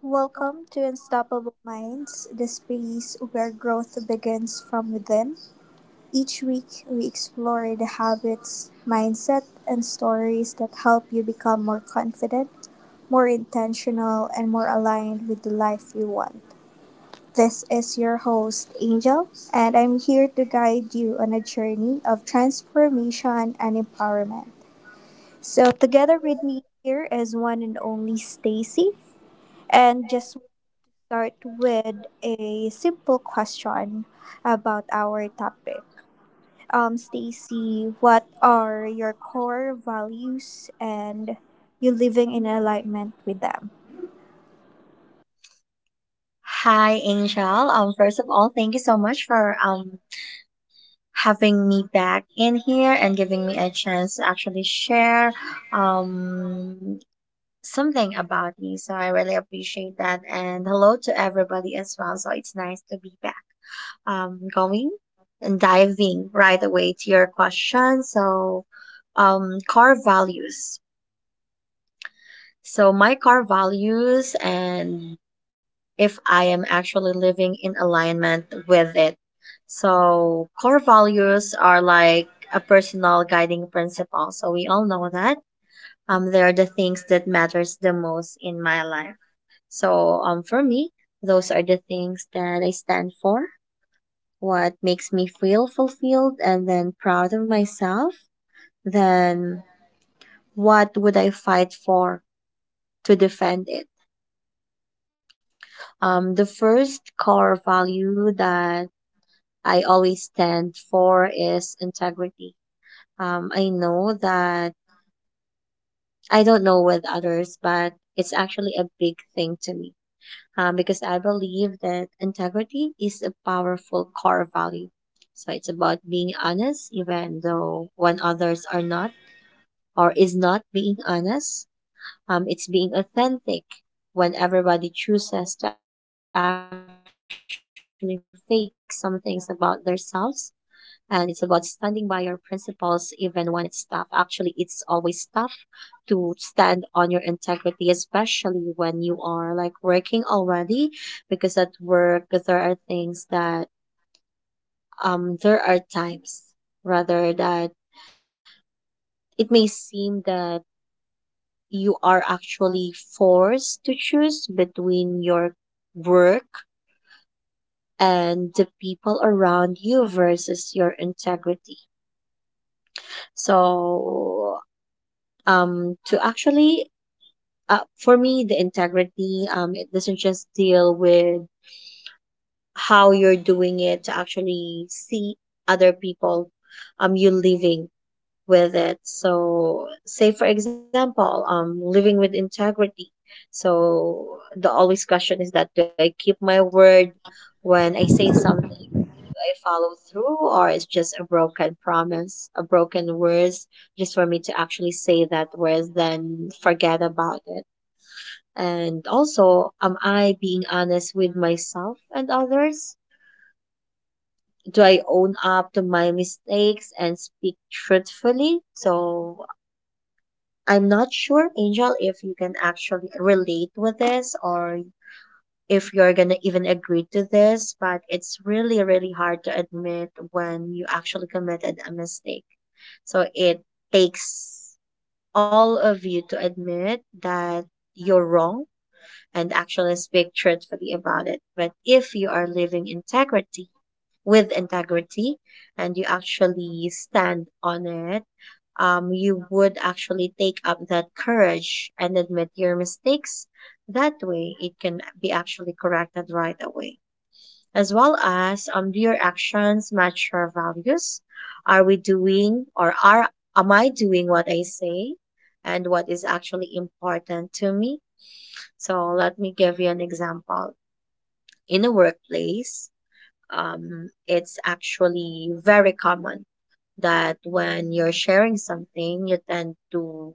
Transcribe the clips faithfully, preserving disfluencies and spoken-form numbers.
Welcome to Unstoppable Minds, the space where growth begins from within. Each week, we explore the habits, mindset, and stories that help you become more confident, more intentional, and more aligned with the life you want. This is your host, Angel, and I'm here to guide you on a journey of transformation and empowerment. So, together with me here is one and only Stacy. And just start with a simple question about our topic. Um, Stacy, what are your core values and you living in alignment with them? Hi, Angel. Um, first of all, thank you so much for um having me back in here and giving me a chance to actually share um something about me. So I really appreciate that. And hello to everybody as well. So it's nice to be back. Um, going and diving right away to your question. So, um, core values. So my core values and if I am actually living in alignment with it. So, core values are like a personal guiding principle. So, we all know that. Um, they are the things that matters the most in my life. So, um, for me, those are the things that I stand for. What makes me feel fulfilled and then proud of myself. Then, what would I fight for to defend it? Um, the first core value that I always stand for is integrity. Um, I know that I don't know with others, but it's actually a big thing to me um, because I believe that integrity is a powerful core value. So it's about being honest, even though when others are not or is not being honest. Um, it's being authentic when everybody chooses to actually fake some things about themselves, and it's about standing by your principles even when it's tough. Actually, it's always tough to stand on your integrity, especially when you are like working already, because at work there are things that um there are times rather that it may seem that you are actually forced to choose between your work and the people around you versus your integrity. So, um to actually, uh, for me the integrity, um it doesn't just deal with how you're doing it to actually see other people, um you living with it. So, say for example, um living with integrity. So the always question is that, do I keep my word when I say something? Do I follow through, or it's just a broken promise, a broken words, just for me to actually say that words then forget about it? And also, am I being honest with myself and others? Do I own up to my mistakes and speak truthfully? So, I'm not sure, Angel, if you can actually relate with this or if you're going to even agree to this, but it's really, really hard to admit when you actually committed a mistake. So, it takes all of you to admit that you're wrong and actually speak truthfully about it. But if you are living integrity with integrity and you actually stand on it, um, you would actually take up that courage and admit your mistakes. That way, it can be actually corrected right away, as well as, um, do your actions match your values? Are we doing or are am I doing what I say and what is actually important to me? So let me give you an example. In a workplace, um, it's actually very common that when you're sharing something, you tend to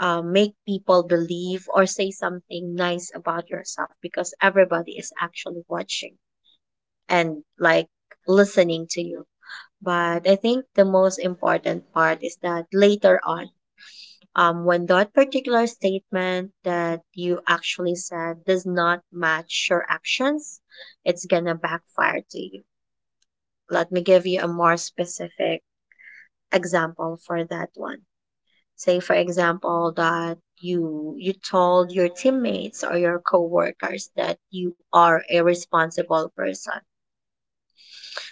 uh, make people believe or say something nice about yourself because everybody is actually watching and like listening to you. But I think the most important part is that later on, um, when that particular statement that you actually said does not match your actions, it's gonna backfire to you. Let me give you a more specific example for that one. Say, for example, that you you told your teammates or your coworkers that you are a responsible person.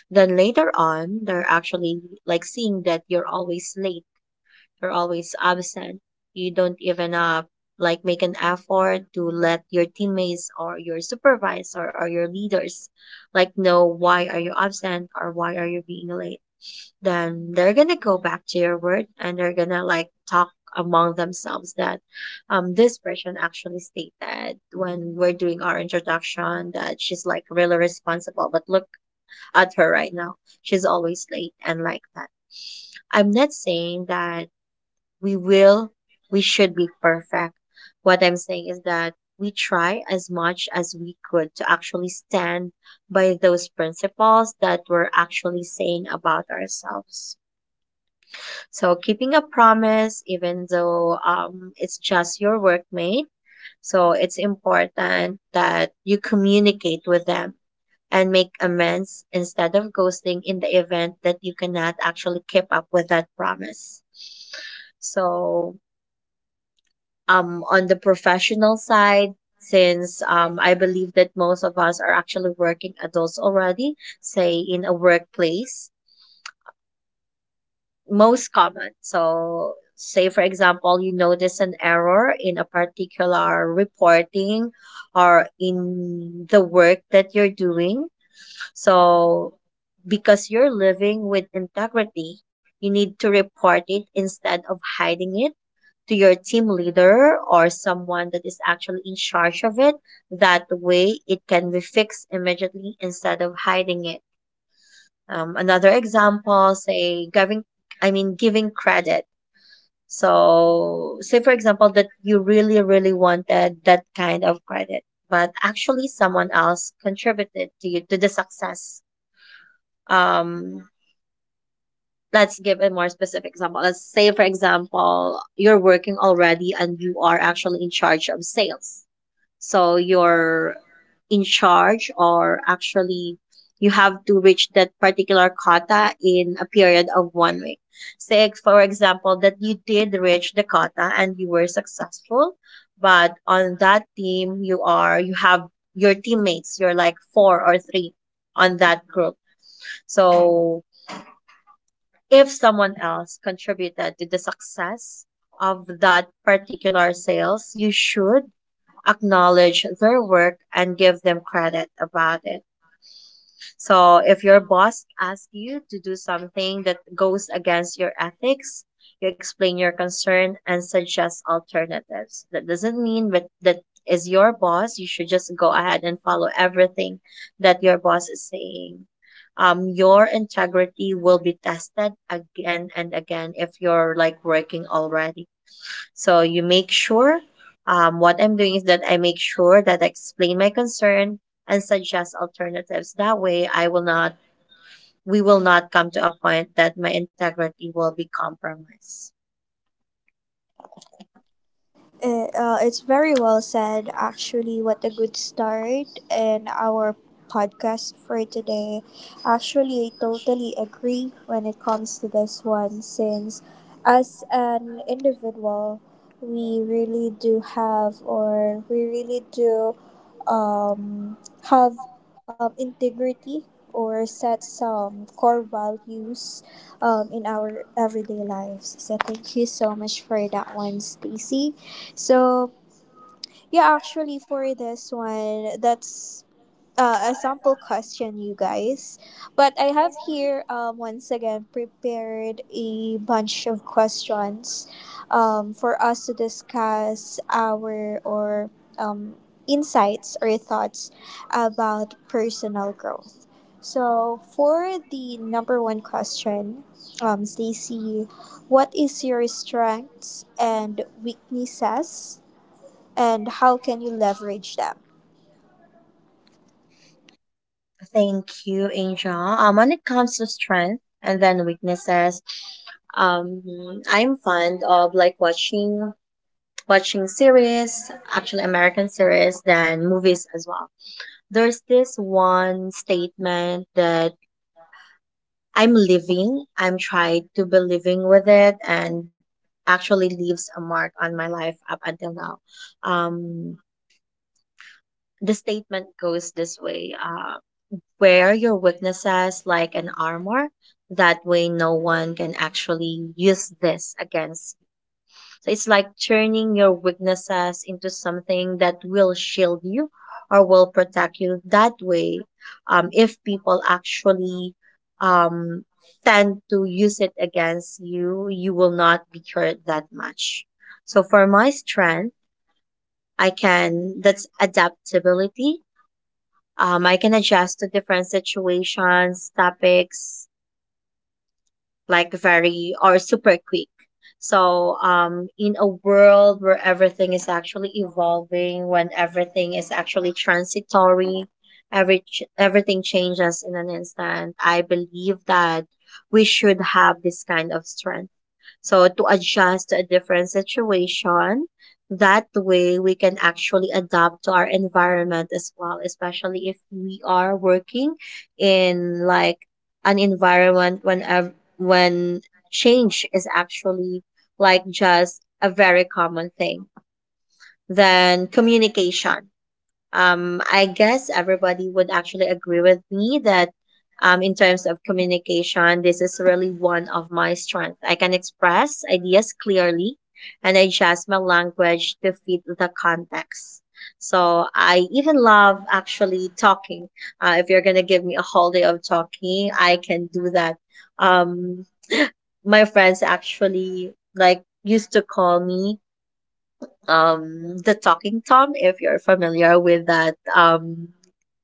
Then later on, they're actually like seeing that you're always late, you're always absent. You don't even, uh, like, make an effort to let your teammates or your supervisor or your leaders like know why are you absent or why are you being late. Then they're gonna go back to your word and they're gonna like talk among themselves that um this person actually stated when we're doing our introduction that she's like really responsible, but look at her right now. She's always late and like that. I'm not saying that we will, we should be perfect. What I'm saying is that we try as much as we could to actually stand by those principles that we're actually saying about ourselves. So, keeping a promise, even though um, it's just your workmate, so it's important that you communicate with them and make amends instead of ghosting in the event that you cannot actually keep up with that promise. So, um, on the professional side, since um, I believe that most of us are actually working adults already, say in a workplace, most common. So, say for example, you notice an error in a particular reporting or in the work that you're doing. So, because you're living with integrity, you need to report it instead of hiding it to your team leader or someone that is actually in charge of it. That way, it can be fixed immediately instead of hiding it. Um, another example, say giving, I mean, giving credit. So, say for example that you really, really wanted that kind of credit, but actually someone else contributed to you to the success. Um, let's give a more specific example. Let's say for example you're working already and you are actually in charge of sales. So you're in charge, or actually, you have to reach that particular quota in a period of one week. Say, for example, that you did reach the quota and you were successful, but on that team, you are, you have your teammates, you're like four or three on that group. So if someone else contributed to the success of that particular sales, you should acknowledge their work and give them credit about it. So if your boss asks you to do something that goes against your ethics, you explain your concern and suggest alternatives. That doesn't mean that that is your boss, you should just go ahead and follow everything that your boss is saying. Um, your integrity will be tested again and again if you're like working already. So you make sure, um, what I'm doing is that I make sure that I explain my concern and suggest alternatives. That way, I will not, we will not come to a point that my integrity will be compromised. It, uh, it's very well said, actually. What a good start in our podcast for today. Actually, I totally agree when it comes to this one, since as an individual, we really do have, or we really do um, have um, integrity or set some core values um, in our everyday lives. So, thank you so much for that one, Stacy. So, yeah, actually, for this one, that's uh, a sample question, you guys. But I have here, um, once again, prepared a bunch of questions um, for us to discuss our or um, insights or thoughts about personal growth. So, for the number one question, um, Stacy, what is your strengths and weaknesses and how can you leverage them? Thank you, Angel. Um, when it comes to strength and then weaknesses, um, I'm fond of like watching watching series, actually American series, then movies as well. There's this one statement that I'm living. I'm trying to be living with it, and actually leaves a mark on my life up until now. Um, the statement goes this way. Uh, Wear your weaknesses like an armor. That way, no one can actually use this against. So it's like turning your weaknesses into something that will shield you or will protect you. That way, um, if people actually um, tend to use it against you, you will not be hurt that much. So for my strength, I can, that's adaptability. Um, I can adjust to different situations, topics, like very or super quick. So, um, in a world where everything is actually evolving, when everything is actually transitory, every ch- everything changes in an instant. I believe that we should have this kind of strength so to adjust to a different situation, that way we can actually adapt to our environment as well, especially if we are working in like an environment when whenever when change is actually like just a very common thing. Then communication, um, I guess everybody would actually agree with me that um, in terms of communication, this is really one of my strengths. I can express ideas clearly and adjust my language to fit the context. So I even love actually talking. Uh, if you're gonna give me a whole day of talking, I can do that. Um, my friends actually like used to call me um the Talking Tom, if you're familiar with that um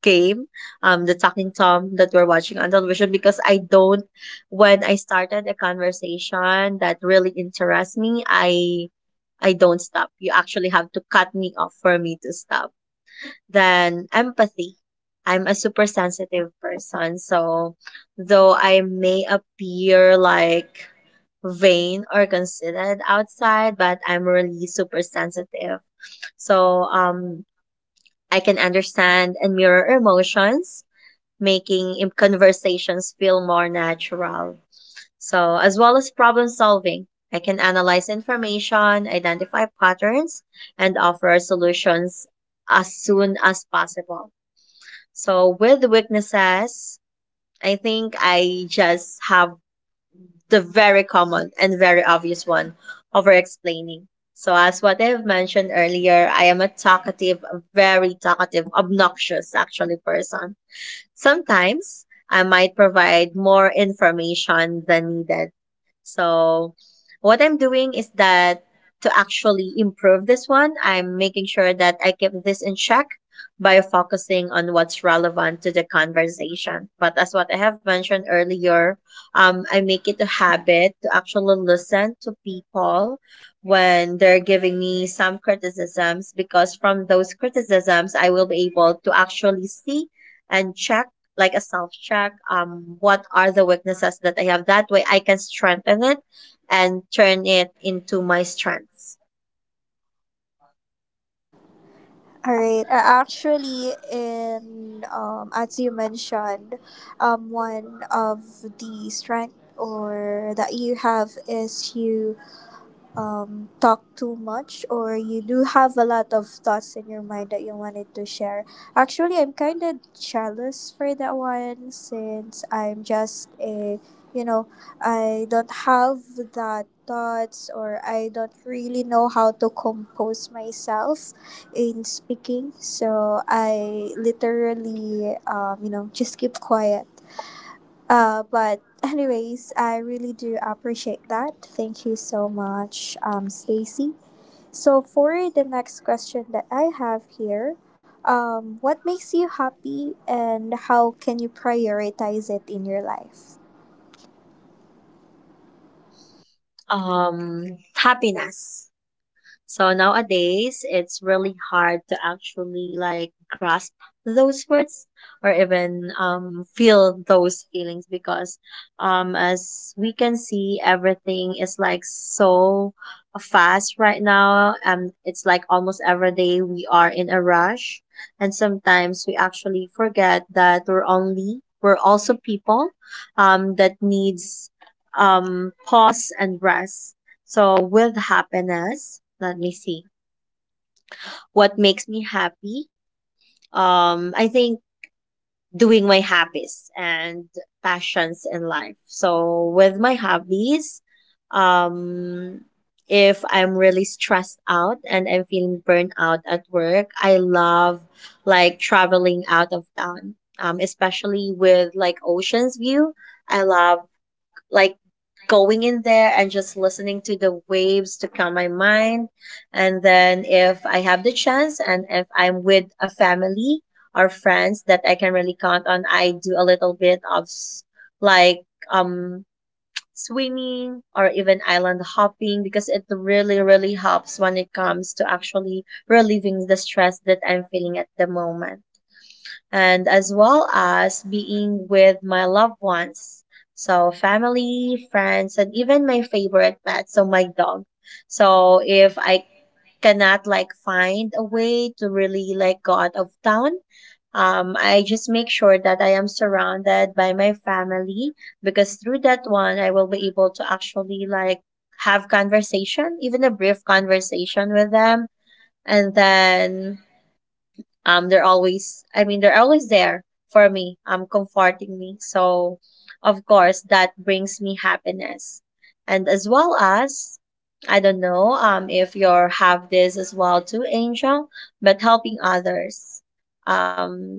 game, um the Talking Tom that we're watching on television, because I don't, when I started a conversation that really interests me, i I don't stop. You actually have to cut me off for me to stop. Then empathy, I'm a super sensitive person, so though I may appear like vain or considered outside, but I'm really super sensitive. So, um, I can understand and mirror emotions, making im- conversations feel more natural. So, as well as problem solving, I can analyze information, identify patterns, and offer solutions as soon as possible. So, with weaknesses, I think I just have the very common and very obvious one, over explaining. So, as what I've mentioned earlier, I am a talkative, very talkative, obnoxious actually person. Sometimes I might provide more information than needed, so what I'm doing is that to actually improve this one, I'm making sure that I keep this in check by focusing on what's relevant to the conversation. But as what I have mentioned earlier, um, I make it a habit to actually listen to people when they're giving me some criticisms because from those criticisms, I will be able to actually see and check, like a self check. Um what are the weaknesses that I have? That way I can strengthen it and turn it into my strengths. All right. Uh, Actually, in um, as you mentioned, um, one of the strength or that you have is you um, talk too much or you do have a lot of thoughts in your mind that you wanted to share. Actually, I'm kind of jealous for that one since I'm just a, you know, I don't have that thoughts or I don't really know how to compose myself in speaking. So I literally, um, you know, just keep quiet. Uh, but anyways, I really do appreciate that. Thank you so much, um, Stacy. So for the next question that I have here, um, what makes you happy and how can you prioritize it in your life? Um happiness. So nowadays, it's really hard to actually like grasp those words or even um, feel those feelings because, um, as we can see, everything is like so fast right now. Um, it's like almost every day we are in a rush, and sometimes we actually forget that we're only we're also people um, that needs um, pause and rest. So with happiness, let me see. What makes me happy? Um, I think doing my hobbies and passions in life. So with my hobbies, um, if I'm really stressed out and I'm feeling burnt out at work, I love like traveling out of town. Um, especially with like oceans view. I love like going in there and just listening to the waves to calm my mind. And then if I have the chance and if I'm with a family or friends that I can really count on, I do a little bit of s- like um swimming or even island hopping because it really really helps when it comes to actually relieving the stress that I'm feeling at the moment, and as well as being with my loved ones. So, family, friends, and even my favorite pet, so my dog. So, if I cannot like find a way to really like go out of town, um, I just make sure that I am surrounded by my family because through that one, I will be able to actually like have conversation, even a brief conversation with them. And then um they're always i mean they're always there for me, um comforting me, so of course that brings me happiness. And as well as, I don't know, um if you are have this as well too, Angel, but helping others, um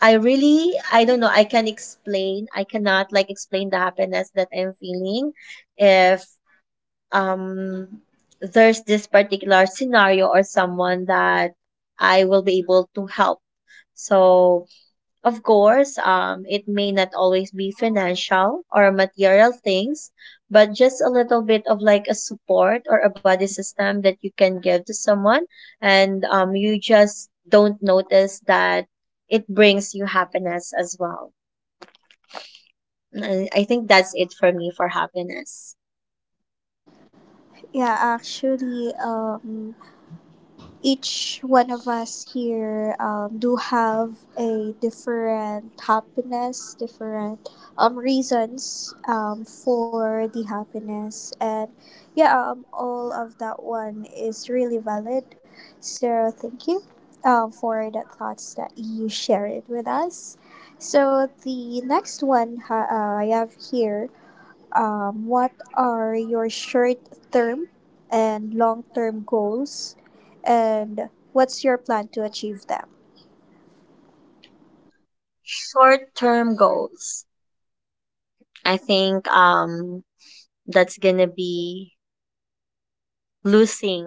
I really, I don't know, i can explain i cannot like explain the happiness that I'm feeling if um there's this particular scenario or someone that I will be able to help. So, of course, um, it may not always be financial or material things, but just a little bit of like a support or a body system that you can give to someone, and um, you just don't notice that it brings you happiness as well. And I think that's it for me for happiness. Yeah, actually, um, each one of us here um, do have a different happiness, different um, reasons um, for the happiness, and yeah, um, all of that one is really valid. So thank you um, for the thoughts that you shared with us. So the next one ha- uh, I have here, um, what are your short term and long term goals and what's your plan to achieve them? Short term goals. I think, um, that's gonna be losing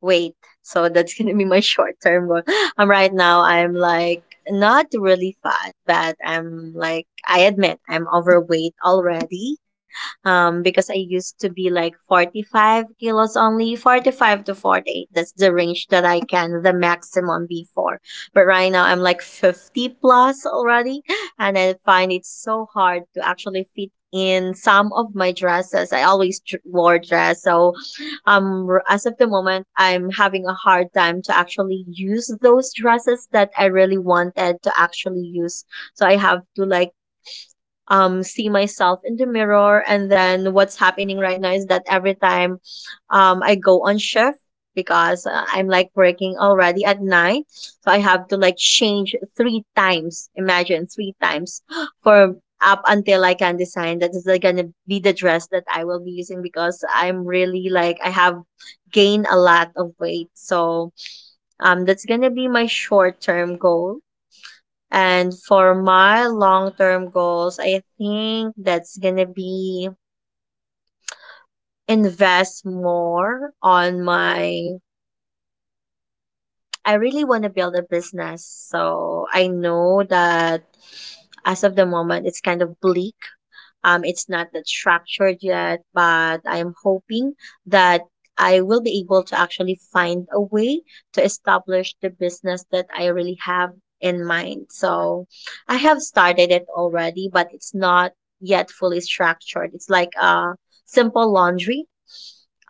weight. So that's gonna be my short term goal. Um, right now I'm like not really fat, but I'm like, I admit I'm overweight already. Um, because I used to be like forty five kilos only, forty five to forty eight. That's the range that I can, the maximum before. But right now I'm like fifty plus already, and I find it so hard to actually fit in some of my dresses. I always dr- wore dress, so um r- as of the moment I'm having a hard time to actually use those dresses that I really wanted to actually use. So I have to like um see myself in the mirror, and then what's happening right now is that every time um I go on shift, because uh, I'm like working already at night, so I have to like change three times, imagine, three times for up until I can design that is like gonna be the dress that I will be using because I'm really like I have gained a lot of weight. So um that's gonna be my short term goal. And for my long term goals, I think that's gonna be invest more on my. I really want to build a business. So I know that as of the moment, it's kind of bleak. Um, it's not that structured yet, but I am hoping that I will be able to actually find a way to establish the business that I really have in mind. So I have started it already, but it's not yet fully structured. It's like a simple laundry.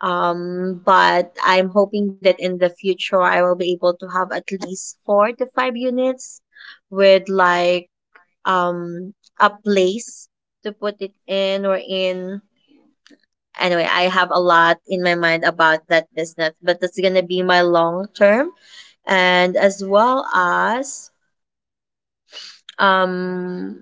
Um, but I'm hoping that in the future I will be able to have at least four to five units with like um a place to put it in or in, anyway, I have a lot in my mind about that business, but that's gonna be my long term. And as well as um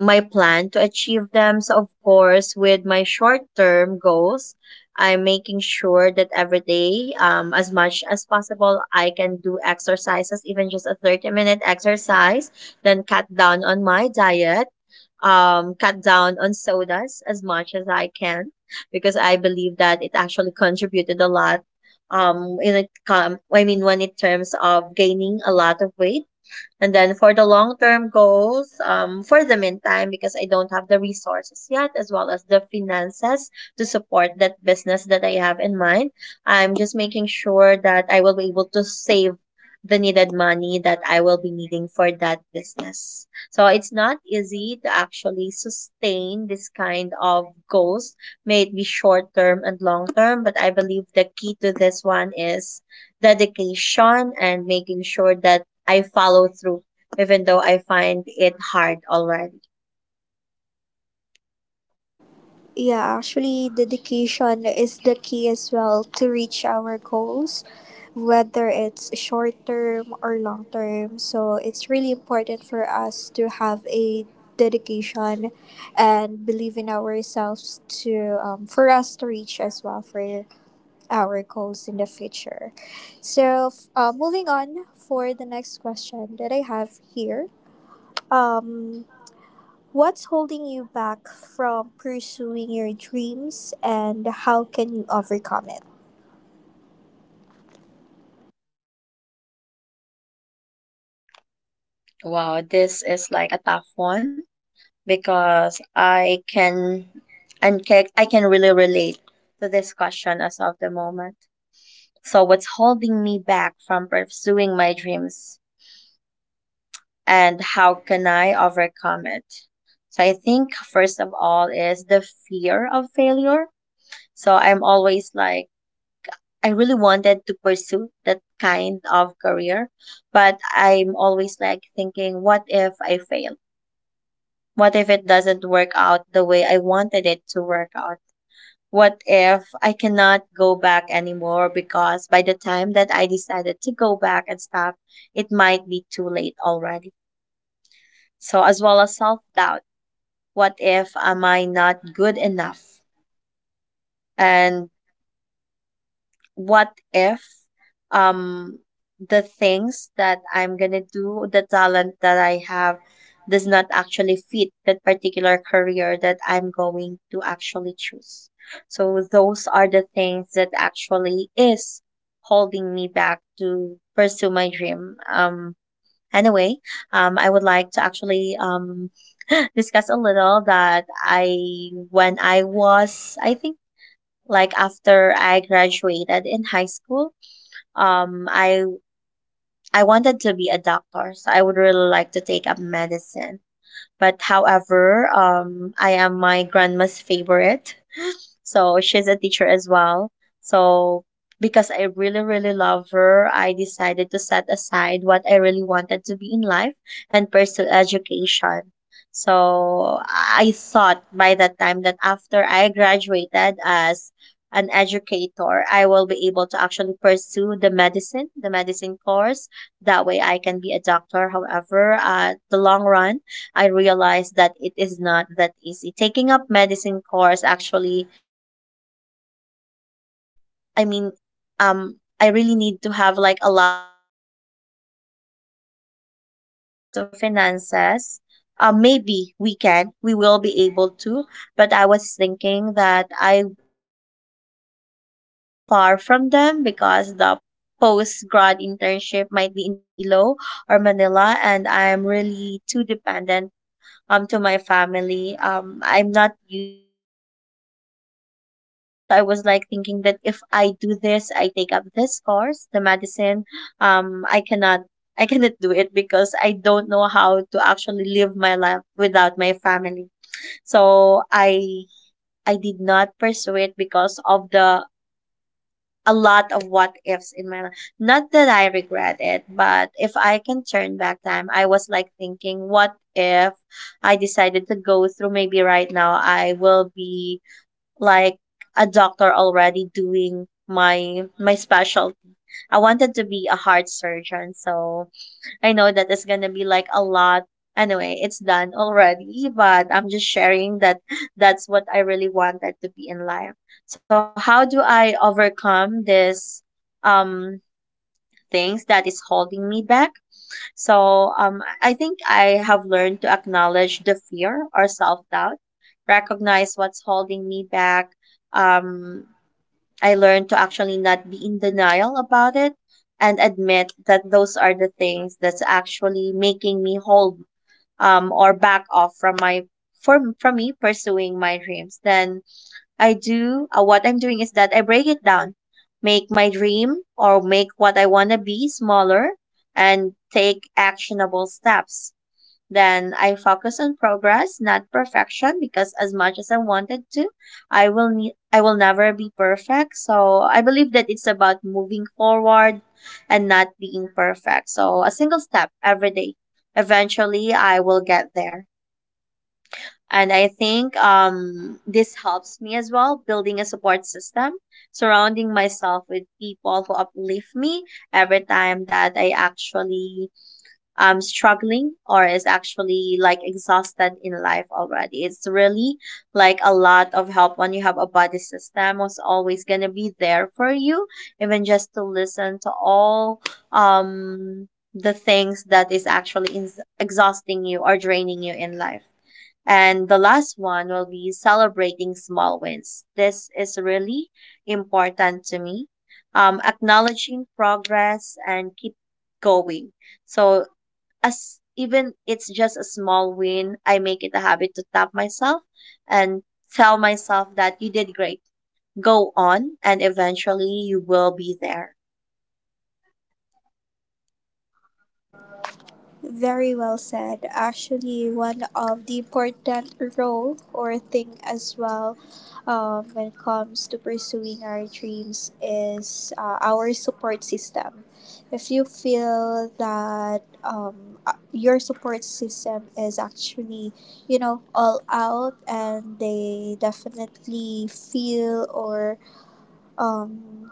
my plan to achieve them. So, of course, with my short term goals, I'm making sure that every day, um, as much as possible, I can do exercises, even just a thirty minute exercise, then cut down on my diet, um, cut down on sodas as much as I can, because I believe that it actually contributed a lot. Um, in it, com- I mean, when in terms of gaining a lot of weight. And then for the long term goals, um, for the meantime, because I don't have the resources yet, as well as the finances to support that business that I have in mind, I'm just making sure that I will be able to save the needed money that I will be needing for that business. So it's not easy to actually sustain this kind of goals, may it be short term and long term, but I believe the key to this one is dedication and making sure that I follow through, even though I find it hard already. Yeah, actually, dedication is the key as well to reach our goals, whether it's short term or long term. So it's really important for us to have a dedication and believe in ourselves to um, for us to reach as well for our goals in the future. So, f- uh, moving on for the next question that I have here. Um, what's holding you back from pursuing your dreams and how can you overcome it? Wow, this is like a tough one because I can, and ca- I can really relate to this question as of the moment. So what's holding me back from pursuing my dreams and how can I overcome it? So I think first of all is the fear of failure. So I'm always like, I really wanted to pursue that kind of career, but I'm always like thinking, what if I fail? What if it doesn't work out the way I wanted it to work out? What if I cannot go back anymore because by the time that I decided to go back and stop, it might be too late already. So, as well as self doubt, what if, am I not good enough? And what if um the things that I'm gonna do, the talent that I have does not actually fit that particular career that I'm going to actually choose. So those are the things that actually is holding me back to pursue my dream. Um anyway, um I would like to actually um discuss a little that I, when I was, I think, like after I graduated in high school, um, I I wanted to be a doctor, so I would really like to take up medicine. But however, um, I am my grandma's favorite, so she's a teacher as well. So because I really, really love her, I decided to set aside what I really wanted to be in life and pursue education. So I thought by that time that after I graduated as an educator, I will be able to actually pursue the medicine, the medicine course. That way I can be a doctor. However, at the long run, I realized that it is not that easy. Taking up medicine course actually needs to have, i mean um I really need to have like a lot of support from my family when it comes to finances. Um maybe we can, we will be able to, but I was thinking that I will have to actually live far from them because the post grad internship might be in Iloilo or Manila, and I'm really too dependent um to my family. Um, I'm not used in living away from them, so I was like thinking that if I do this, I take up this course, the medicine. Um, I cannot. I cannot do it because I don't know how to actually live my life without my family. So I I did not pursue it because of the, a lot of what ifs in my life. Not that I regret it, but if I can turn back time, I was like thinking, what if I decided to go through, maybe right now I will be like a doctor already doing my my specialty. I wanted to be a heart surgeon, so I know that it's gonna be like a lot. Anyway, it's done already, but I'm just sharing that that's what I really wanted to be in life. So how do I overcome this, um things that is holding me back? So um I think I have learned to acknowledge the fear or self-doubt, recognize what's holding me back, um I learned to actually not be in denial about it and admit that those are the things that's actually making me hold um or back off from my, from from me pursuing my dreams. Then I do uh, what I'm doing is that I break it down, make my dream or make what I want to be smaller, and take actionable steps. Then I focus on progress, not perfection, because as much as I wanted to, I will need I will never be perfect. So I believe that it's about moving forward and not being perfect. So a single step every day. Eventually I will get there. And I think um this helps me as well, building a support system, surrounding myself with people who uplift me every time that I actually um struggling or is actually like exhausted in life already. It's really like a lot of help when you have a buddy system who's always gonna be there for you, even just to listen to all um the things that is actually in- exhausting you or draining you in life. And the last one will be celebrating small wins. This is really important to me. Um, acknowledging progress and keep going. So as even it's just a small win, I make it a habit to tap myself and tell myself that you did great. Go on, and eventually you will be there. Very well said. Actually, one of the important role or thing as well um, when it comes to pursuing our dreams is uh, our support system. If you feel that um, uh, your support system is actually, you know, all out and they definitely feel or um,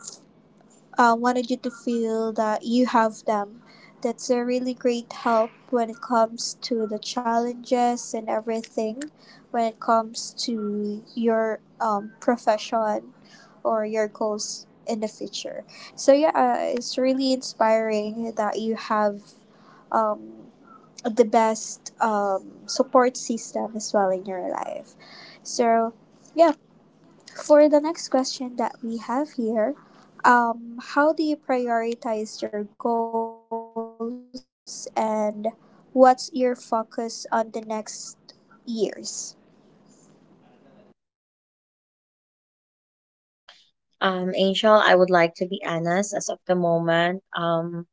uh, wanted you to feel that you have them. That's a really great help when it comes to the challenges and everything, when it comes to your um, profession or your goals in the future. So, yeah, uh, it's really inspiring that you have um, the best um, support system as well in your life. So, yeah, for the next question that we have here, um, how do you prioritize your goals and what's your focus on the next years? Um, Angel, I would like to be honest. As of the moment, um,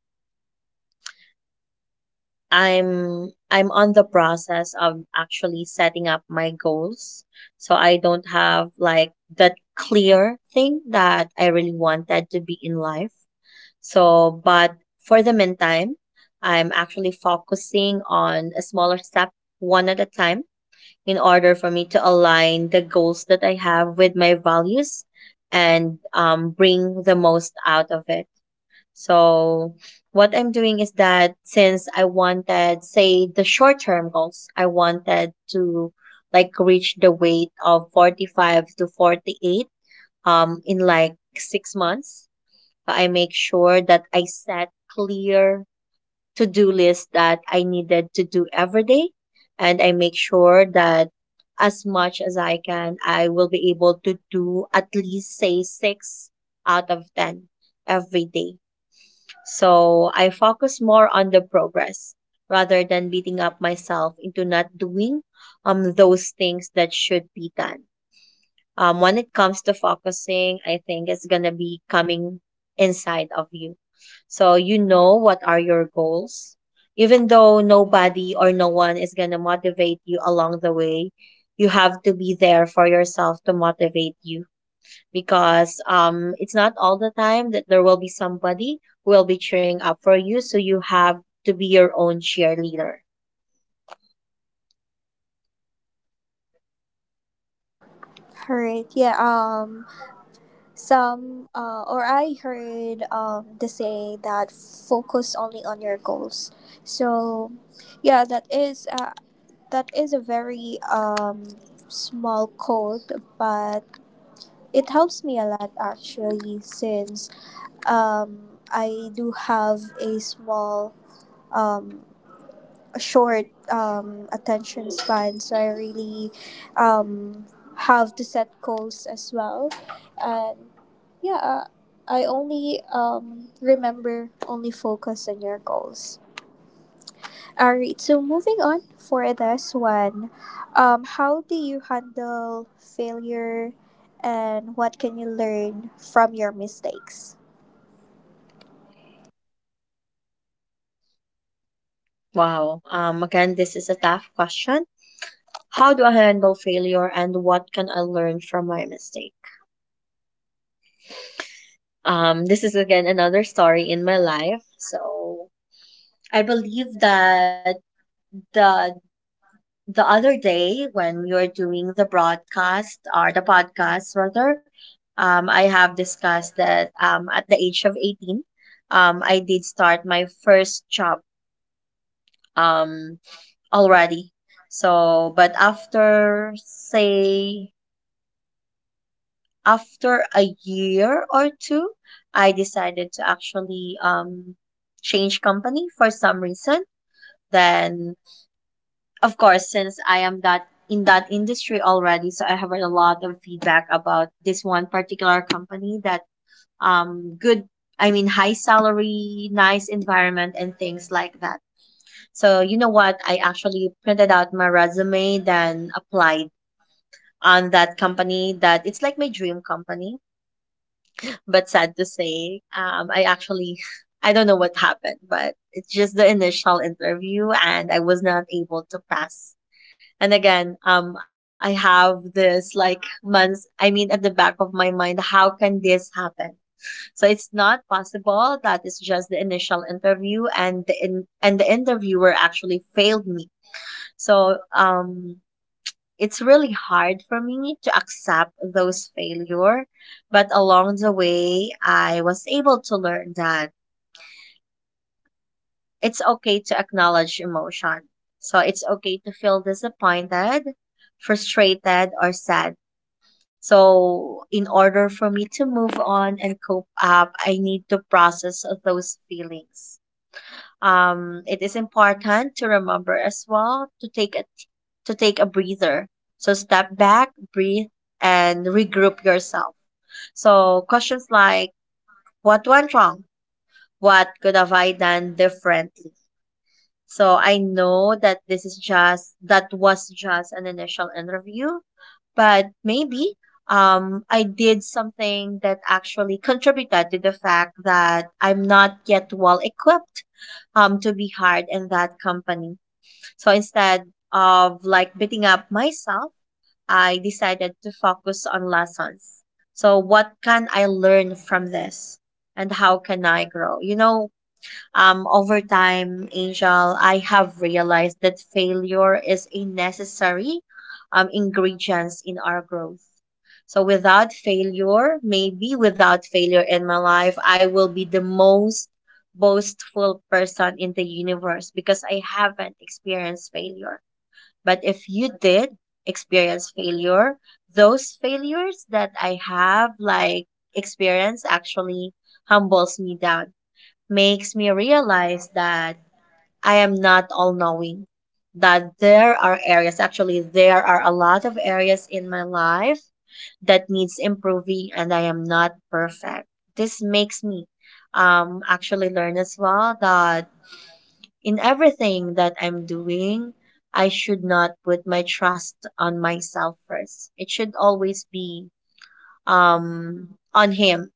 I'm I'm on the process of actually setting up my goals. So I don't have like that clear thing that I really wanted to be in life. So, but for the meantime, I'm actually focusing on a smaller step one at a time in order for me to align the goals that I have with my values and um, bring the most out of it. So, what I'm doing is that since I wanted, say, the short term goals, I wanted to like reach the weight of forty-five to forty-eight um, in like six months. I make sure that I set clear to do list that I needed to do every day. And I make sure that as much as I can, I will be able to do at least, say, six out of ten every day. So I focus more on the progress rather than beating up myself into not doing um, those things that should be done. Um, when it comes to focusing, I think it's going to be coming inside of you. So you know what are your goals. Even though nobody or no one is going to motivate you along the way, you have to be there for yourself to motivate you, because um, it's not all the time that there will be somebody who will be cheering up for you. So you have to be your own cheerleader. Alright, yeah, um, some, uh, or I heard, um, the saying that focus only on your goals. So, yeah, that is, uh, that is a very, um, small code, but it helps me a lot actually since Um, I do have a small, um, a short um, attention span, so I really um, have to set goals as well. And yeah, uh, I only um, remember only focus on your goals. All right, so moving on for this one, um, how do you handle failure and what can you learn from your mistakes? Wow. Um, again, this is a tough question. How do I handle failure and what can I learn from my mistake? Um, this is again another story in my life. So I believe that the the other day when you're doing the broadcast or the podcast rather, um, I have discussed that um at the age of eighteen, um I did start my first job um already. So but after say after a year or two, I decided to actually um, change company for some reason. Then, of course, since I am that in that industry already, so I have heard a lot of feedback about this one particular company that um good. I mean, high salary, nice environment, and things like that. So, you know what? I actually printed out my resume, then applied on that company that it's like my dream company. But sad to say, um, I actually, I don't know what happened, but it's just the initial interview and I was not able to pass. And again, um, I have this like months, I mean, at the back of my mind, how can this happen? So it's not possible that it's just the initial interview and the in, and the interviewer actually failed me. So um it's really hard for me to accept those failure, but along the way I was able to learn that it's okay to acknowledge emotion. So it's okay to feel disappointed, frustrated, or sad. So in order for me to move on and cope up, I need to process those feelings. Um, it is important to remember as well to take a to take a breather. So step back, breathe, and regroup yourself. So questions like, what went wrong? What could have I done differently? So I know that this is just that was just an initial interview, but maybe um I did something that actually contributed to the fact that I'm not yet well equipped um to be hired in that company. So instead of like beating up myself, I decided to focus on lessons. So what can I learn from this? And how can I grow? You know, um, over time, Angel, I have realized that failure is a necessary um, ingredients in our growth. So without failure, maybe without failure in my life, I will be the most boastful person in the universe because I haven't experienced failure. But if you did experience failure, those failures that I have like experienced actually humbles me down, makes me realize that I am not all knowing, that there are areas, actually, there are a lot of areas in my life that needs improving and I am not perfect. This makes me um actually learn as well that in everything that I'm doing, I should not put my trust on myself first. It should always be um on him,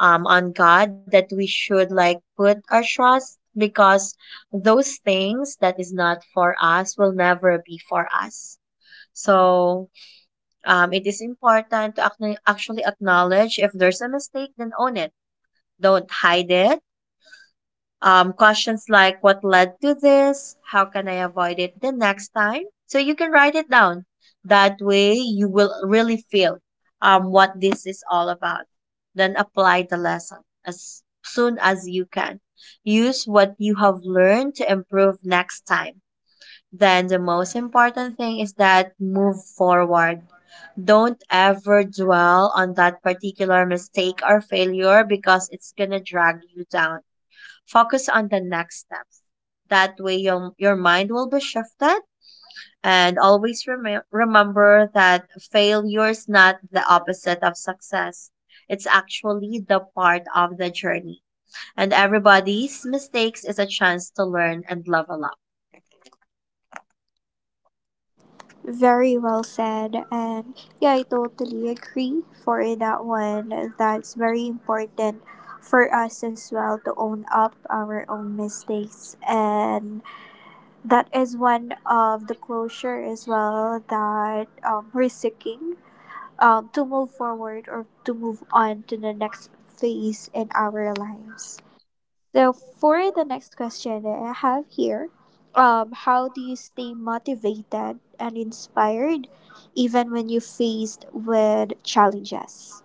um on God that we should like put our trust, because those things that is not for us will never be for us. So um, it is important to acno- actually acknowledge, if there's a mistake, then own it. Don't hide it. Um, questions like, what led to this? How can I avoid it the next time? So you can write it down. That way you will really feel um, what this is all about. Then apply the lesson as soon as you can. Use what you have learned to improve next time. Then the most important thing is that move forward, don't ever dwell on that particular mistake or failure because it's gonna drag you down. Focus on the next steps. That way, your, your mind will be shifted. And always rem- remember that failure is not the opposite of success. It's actually the part of the journey. And everybody's mistakes is a chance to learn and level up. Very well said. And yeah, I totally agree for that one. That's very important for us as well to own up our own mistakes. And that is one of the closure as well that um, we're seeking um, to move forward or to move on to the next phase in our lives. So for the next question that I have here, um, how do you stay motivated and inspired even when you faced with challenges?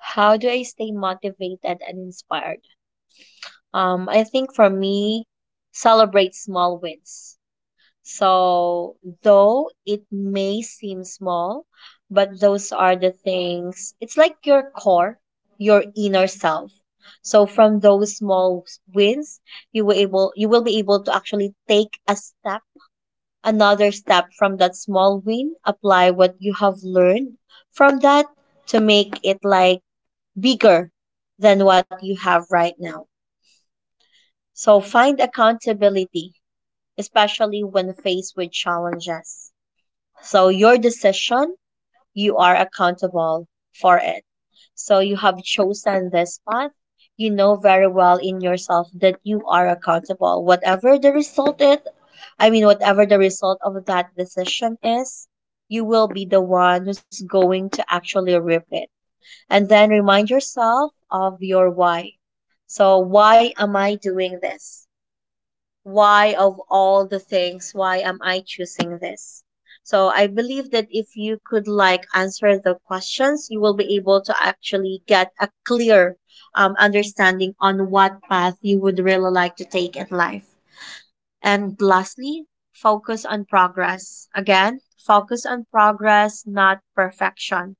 How do I stay motivated and inspired? Um, I think for me, celebrate small wins. So, though it may seem small, but those are the things, it's like your core, your inner self. So from those small wins, you will able you will be able to actually take a step, another step from that small win, apply what you have learned from that to make it like bigger than what you have right now. So find accountability, especially when faced with challenges. So your decision, you are accountable for it. So you have chosen this path. You know very well in yourself that you are accountable. Whatever the result is, I mean, whatever the result of that decision is, you will be the one who's going to actually reap it. And then remind yourself of your why. So why am I doing this? Why of all the things why am I choosing this? So I believe that if you could like answer the questions, you will be able to actually get a clear um, understanding on what path you would really like to take in life. And lastly, focus on progress. Again, focus on progress, not perfection.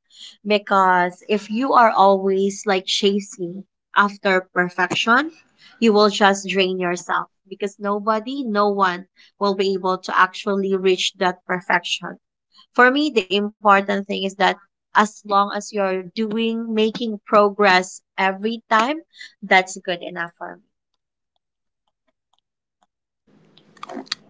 Because if you are always like chasing after perfection, you will just drain yourself because nobody, no one will be able to actually reach that perfection. For me, the important thing is that as long as you're doing, making progress every time, that's good enough for me.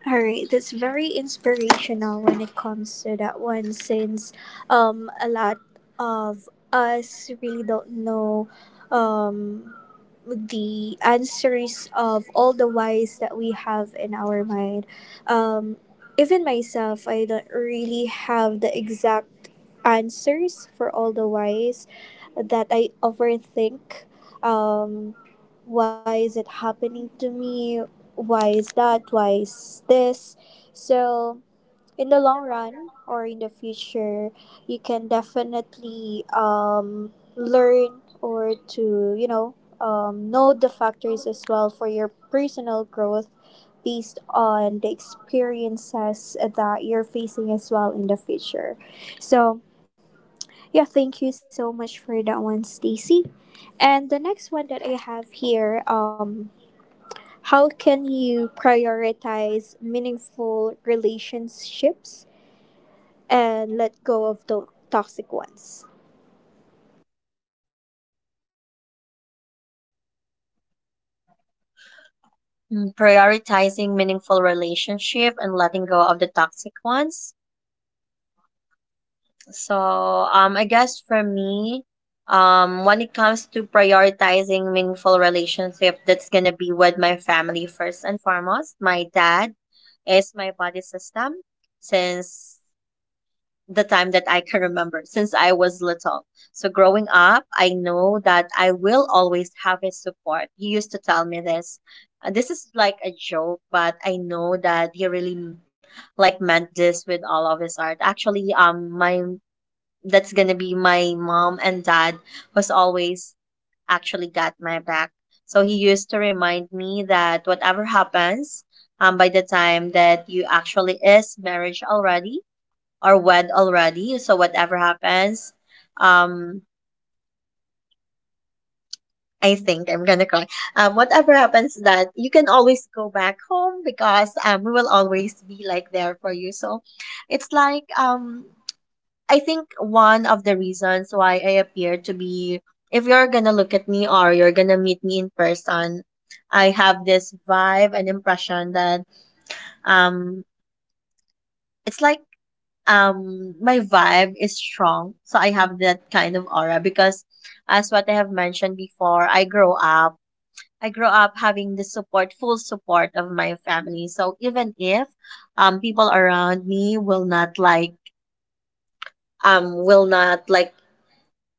All right, that's very inspirational when it comes to that one, since um, a lot of us really don't know um, the answers of all the whys that we have in our mind. Um, Even myself, I don't really have the exact answers for all the whys that I overthink. Um, why is it happening to me? Why is that, why is this? So in the long run or in the future, you can definitely um, learn or to, you know, um, know the factors as well for your personal growth based on the experiences that you're facing as well in the future. So yeah, thank you so much for that one, Stacy. And the next one that I have here, um how can you prioritize meaningful relationships and let go of the toxic ones? Mm, prioritizing meaningful relationship and letting go of the toxic ones. So, um, I guess for me, um, when it comes to prioritizing meaningful relationship, that's gonna be with my family first and foremost. My dad is my body system since the time that I can remember since I was little. So growing up, I know that I will always have his support. He used to tell me this. Uh, This is like a joke, but I know that he really like meant this with all of his heart. Actually, um, my that's gonna be my mom and dad was always actually got my back. So he used to remind me that whatever happens, um, by the time that you actually is marriage already, or wed already. So whatever happens, um, I think I'm gonna cry. Um, whatever happens, that you can always go back home because um, we will always be like there for you. So it's like um, I think one of the reasons why I appear to be, if you're gonna look at me or you're gonna meet me in person, I have this vibe and impression that um, it's like um my vibe is strong, so I have that kind of aura because as what I have mentioned before, i grow up I grow up having the support full support of my family. So even if um people around me will not like um will not like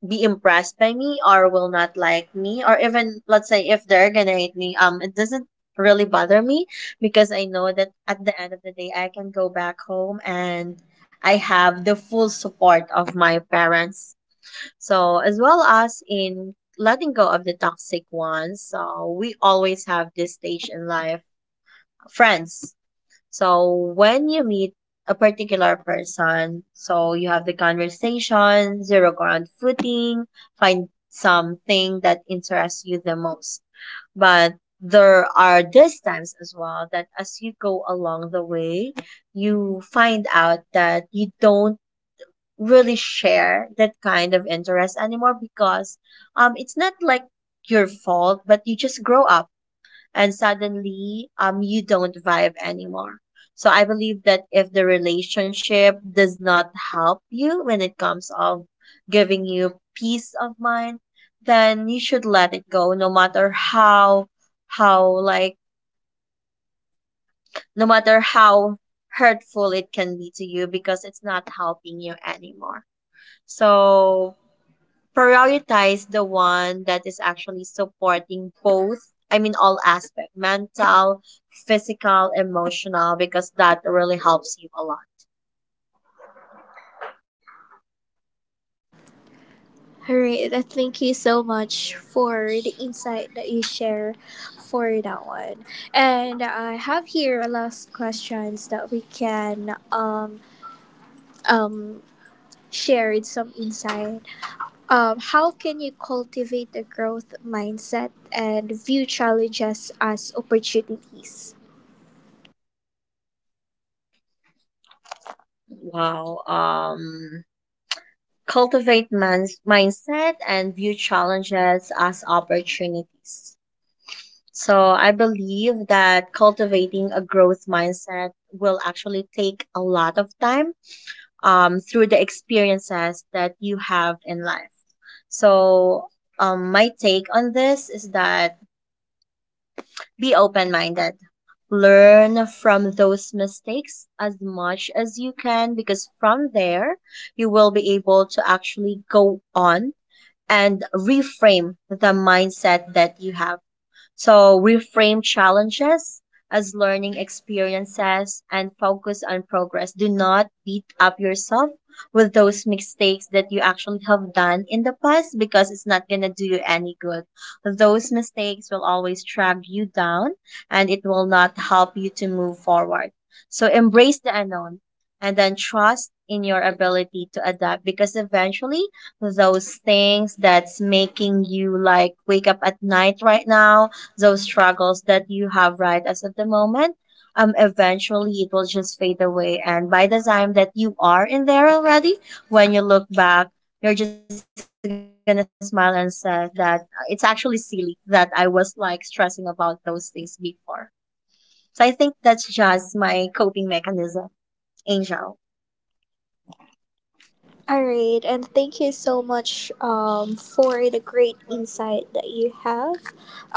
be impressed by me or will not like me, or even let's say if they're gonna hate me, um it doesn't really bother me because I know that at the end of the day I can go back home and I have the full support of my parents. So as well as in letting go of the toxic ones, so we always have this stage in life, friends. So when you meet a particular person, so you have the conversation, zero ground footing, find something that interests you the most. But there are these times as well that as you go along the way, you find out that you don't really share that kind of interest anymore because um it's not like your fault, but you just grow up and suddenly um you don't vibe anymore. So I believe that if the relationship does not help you when it comes of giving you peace of mind, then you should let it go no matter how how like no matter how hurtful it can be to you because it's not helping you anymore. So prioritize the one that is actually supporting both, I mean all aspect, mental, physical, emotional, because that really helps you a lot. All right, uh, thank you so much for the insight that you share for that one. And I have here a last questions that we can um um share some insight. Um, how can you cultivate a growth mindset and view challenges as opportunities? Wow. Um cultivate man's mindset and view challenges as opportunities. So I believe that cultivating a growth mindset will actually take a lot of time um, through the experiences that you have in life. So um, my take on this is that be open minded. Learn from those mistakes as much as you can because from there you will be able to actually go on and reframe the mindset that you have. So reframe challenges as learning experiences and focus on progress. Do not beat up yourself with those mistakes that you actually have done in the past because it's not going to do you any good. Those mistakes will always drag you down and it will not help you to move forward. So embrace the unknown and then trust in your ability to adapt, because eventually those things that's making you like wake up at night right now, those struggles that you have right as of the moment, um, eventually it will just fade away. And by the time that you are in there already, when you look back, you're just gonna smile and say that uh, it's actually silly that I was like stressing about those things before. So I think that's just my coping mechanism, Angel. All right, and thank you so much um, for the great insight that you have,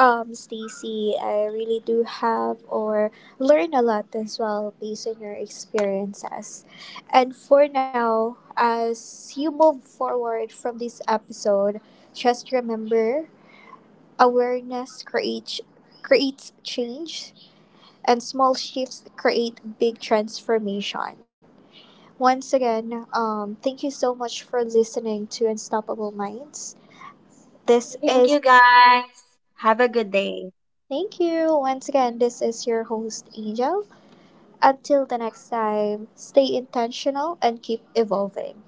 um, Stacy. I really do have or learn a lot as well based on your experiences. And for now, as you move forward from this episode, just remember, awareness creates creates change, and small shifts create big transformation. Once again, um, thank you so much for listening to Unstoppable Minds. This Thank is, you guys. Have a good day. thank you. Once again, this is your host, Angel. Until the next time, stay intentional and keep evolving.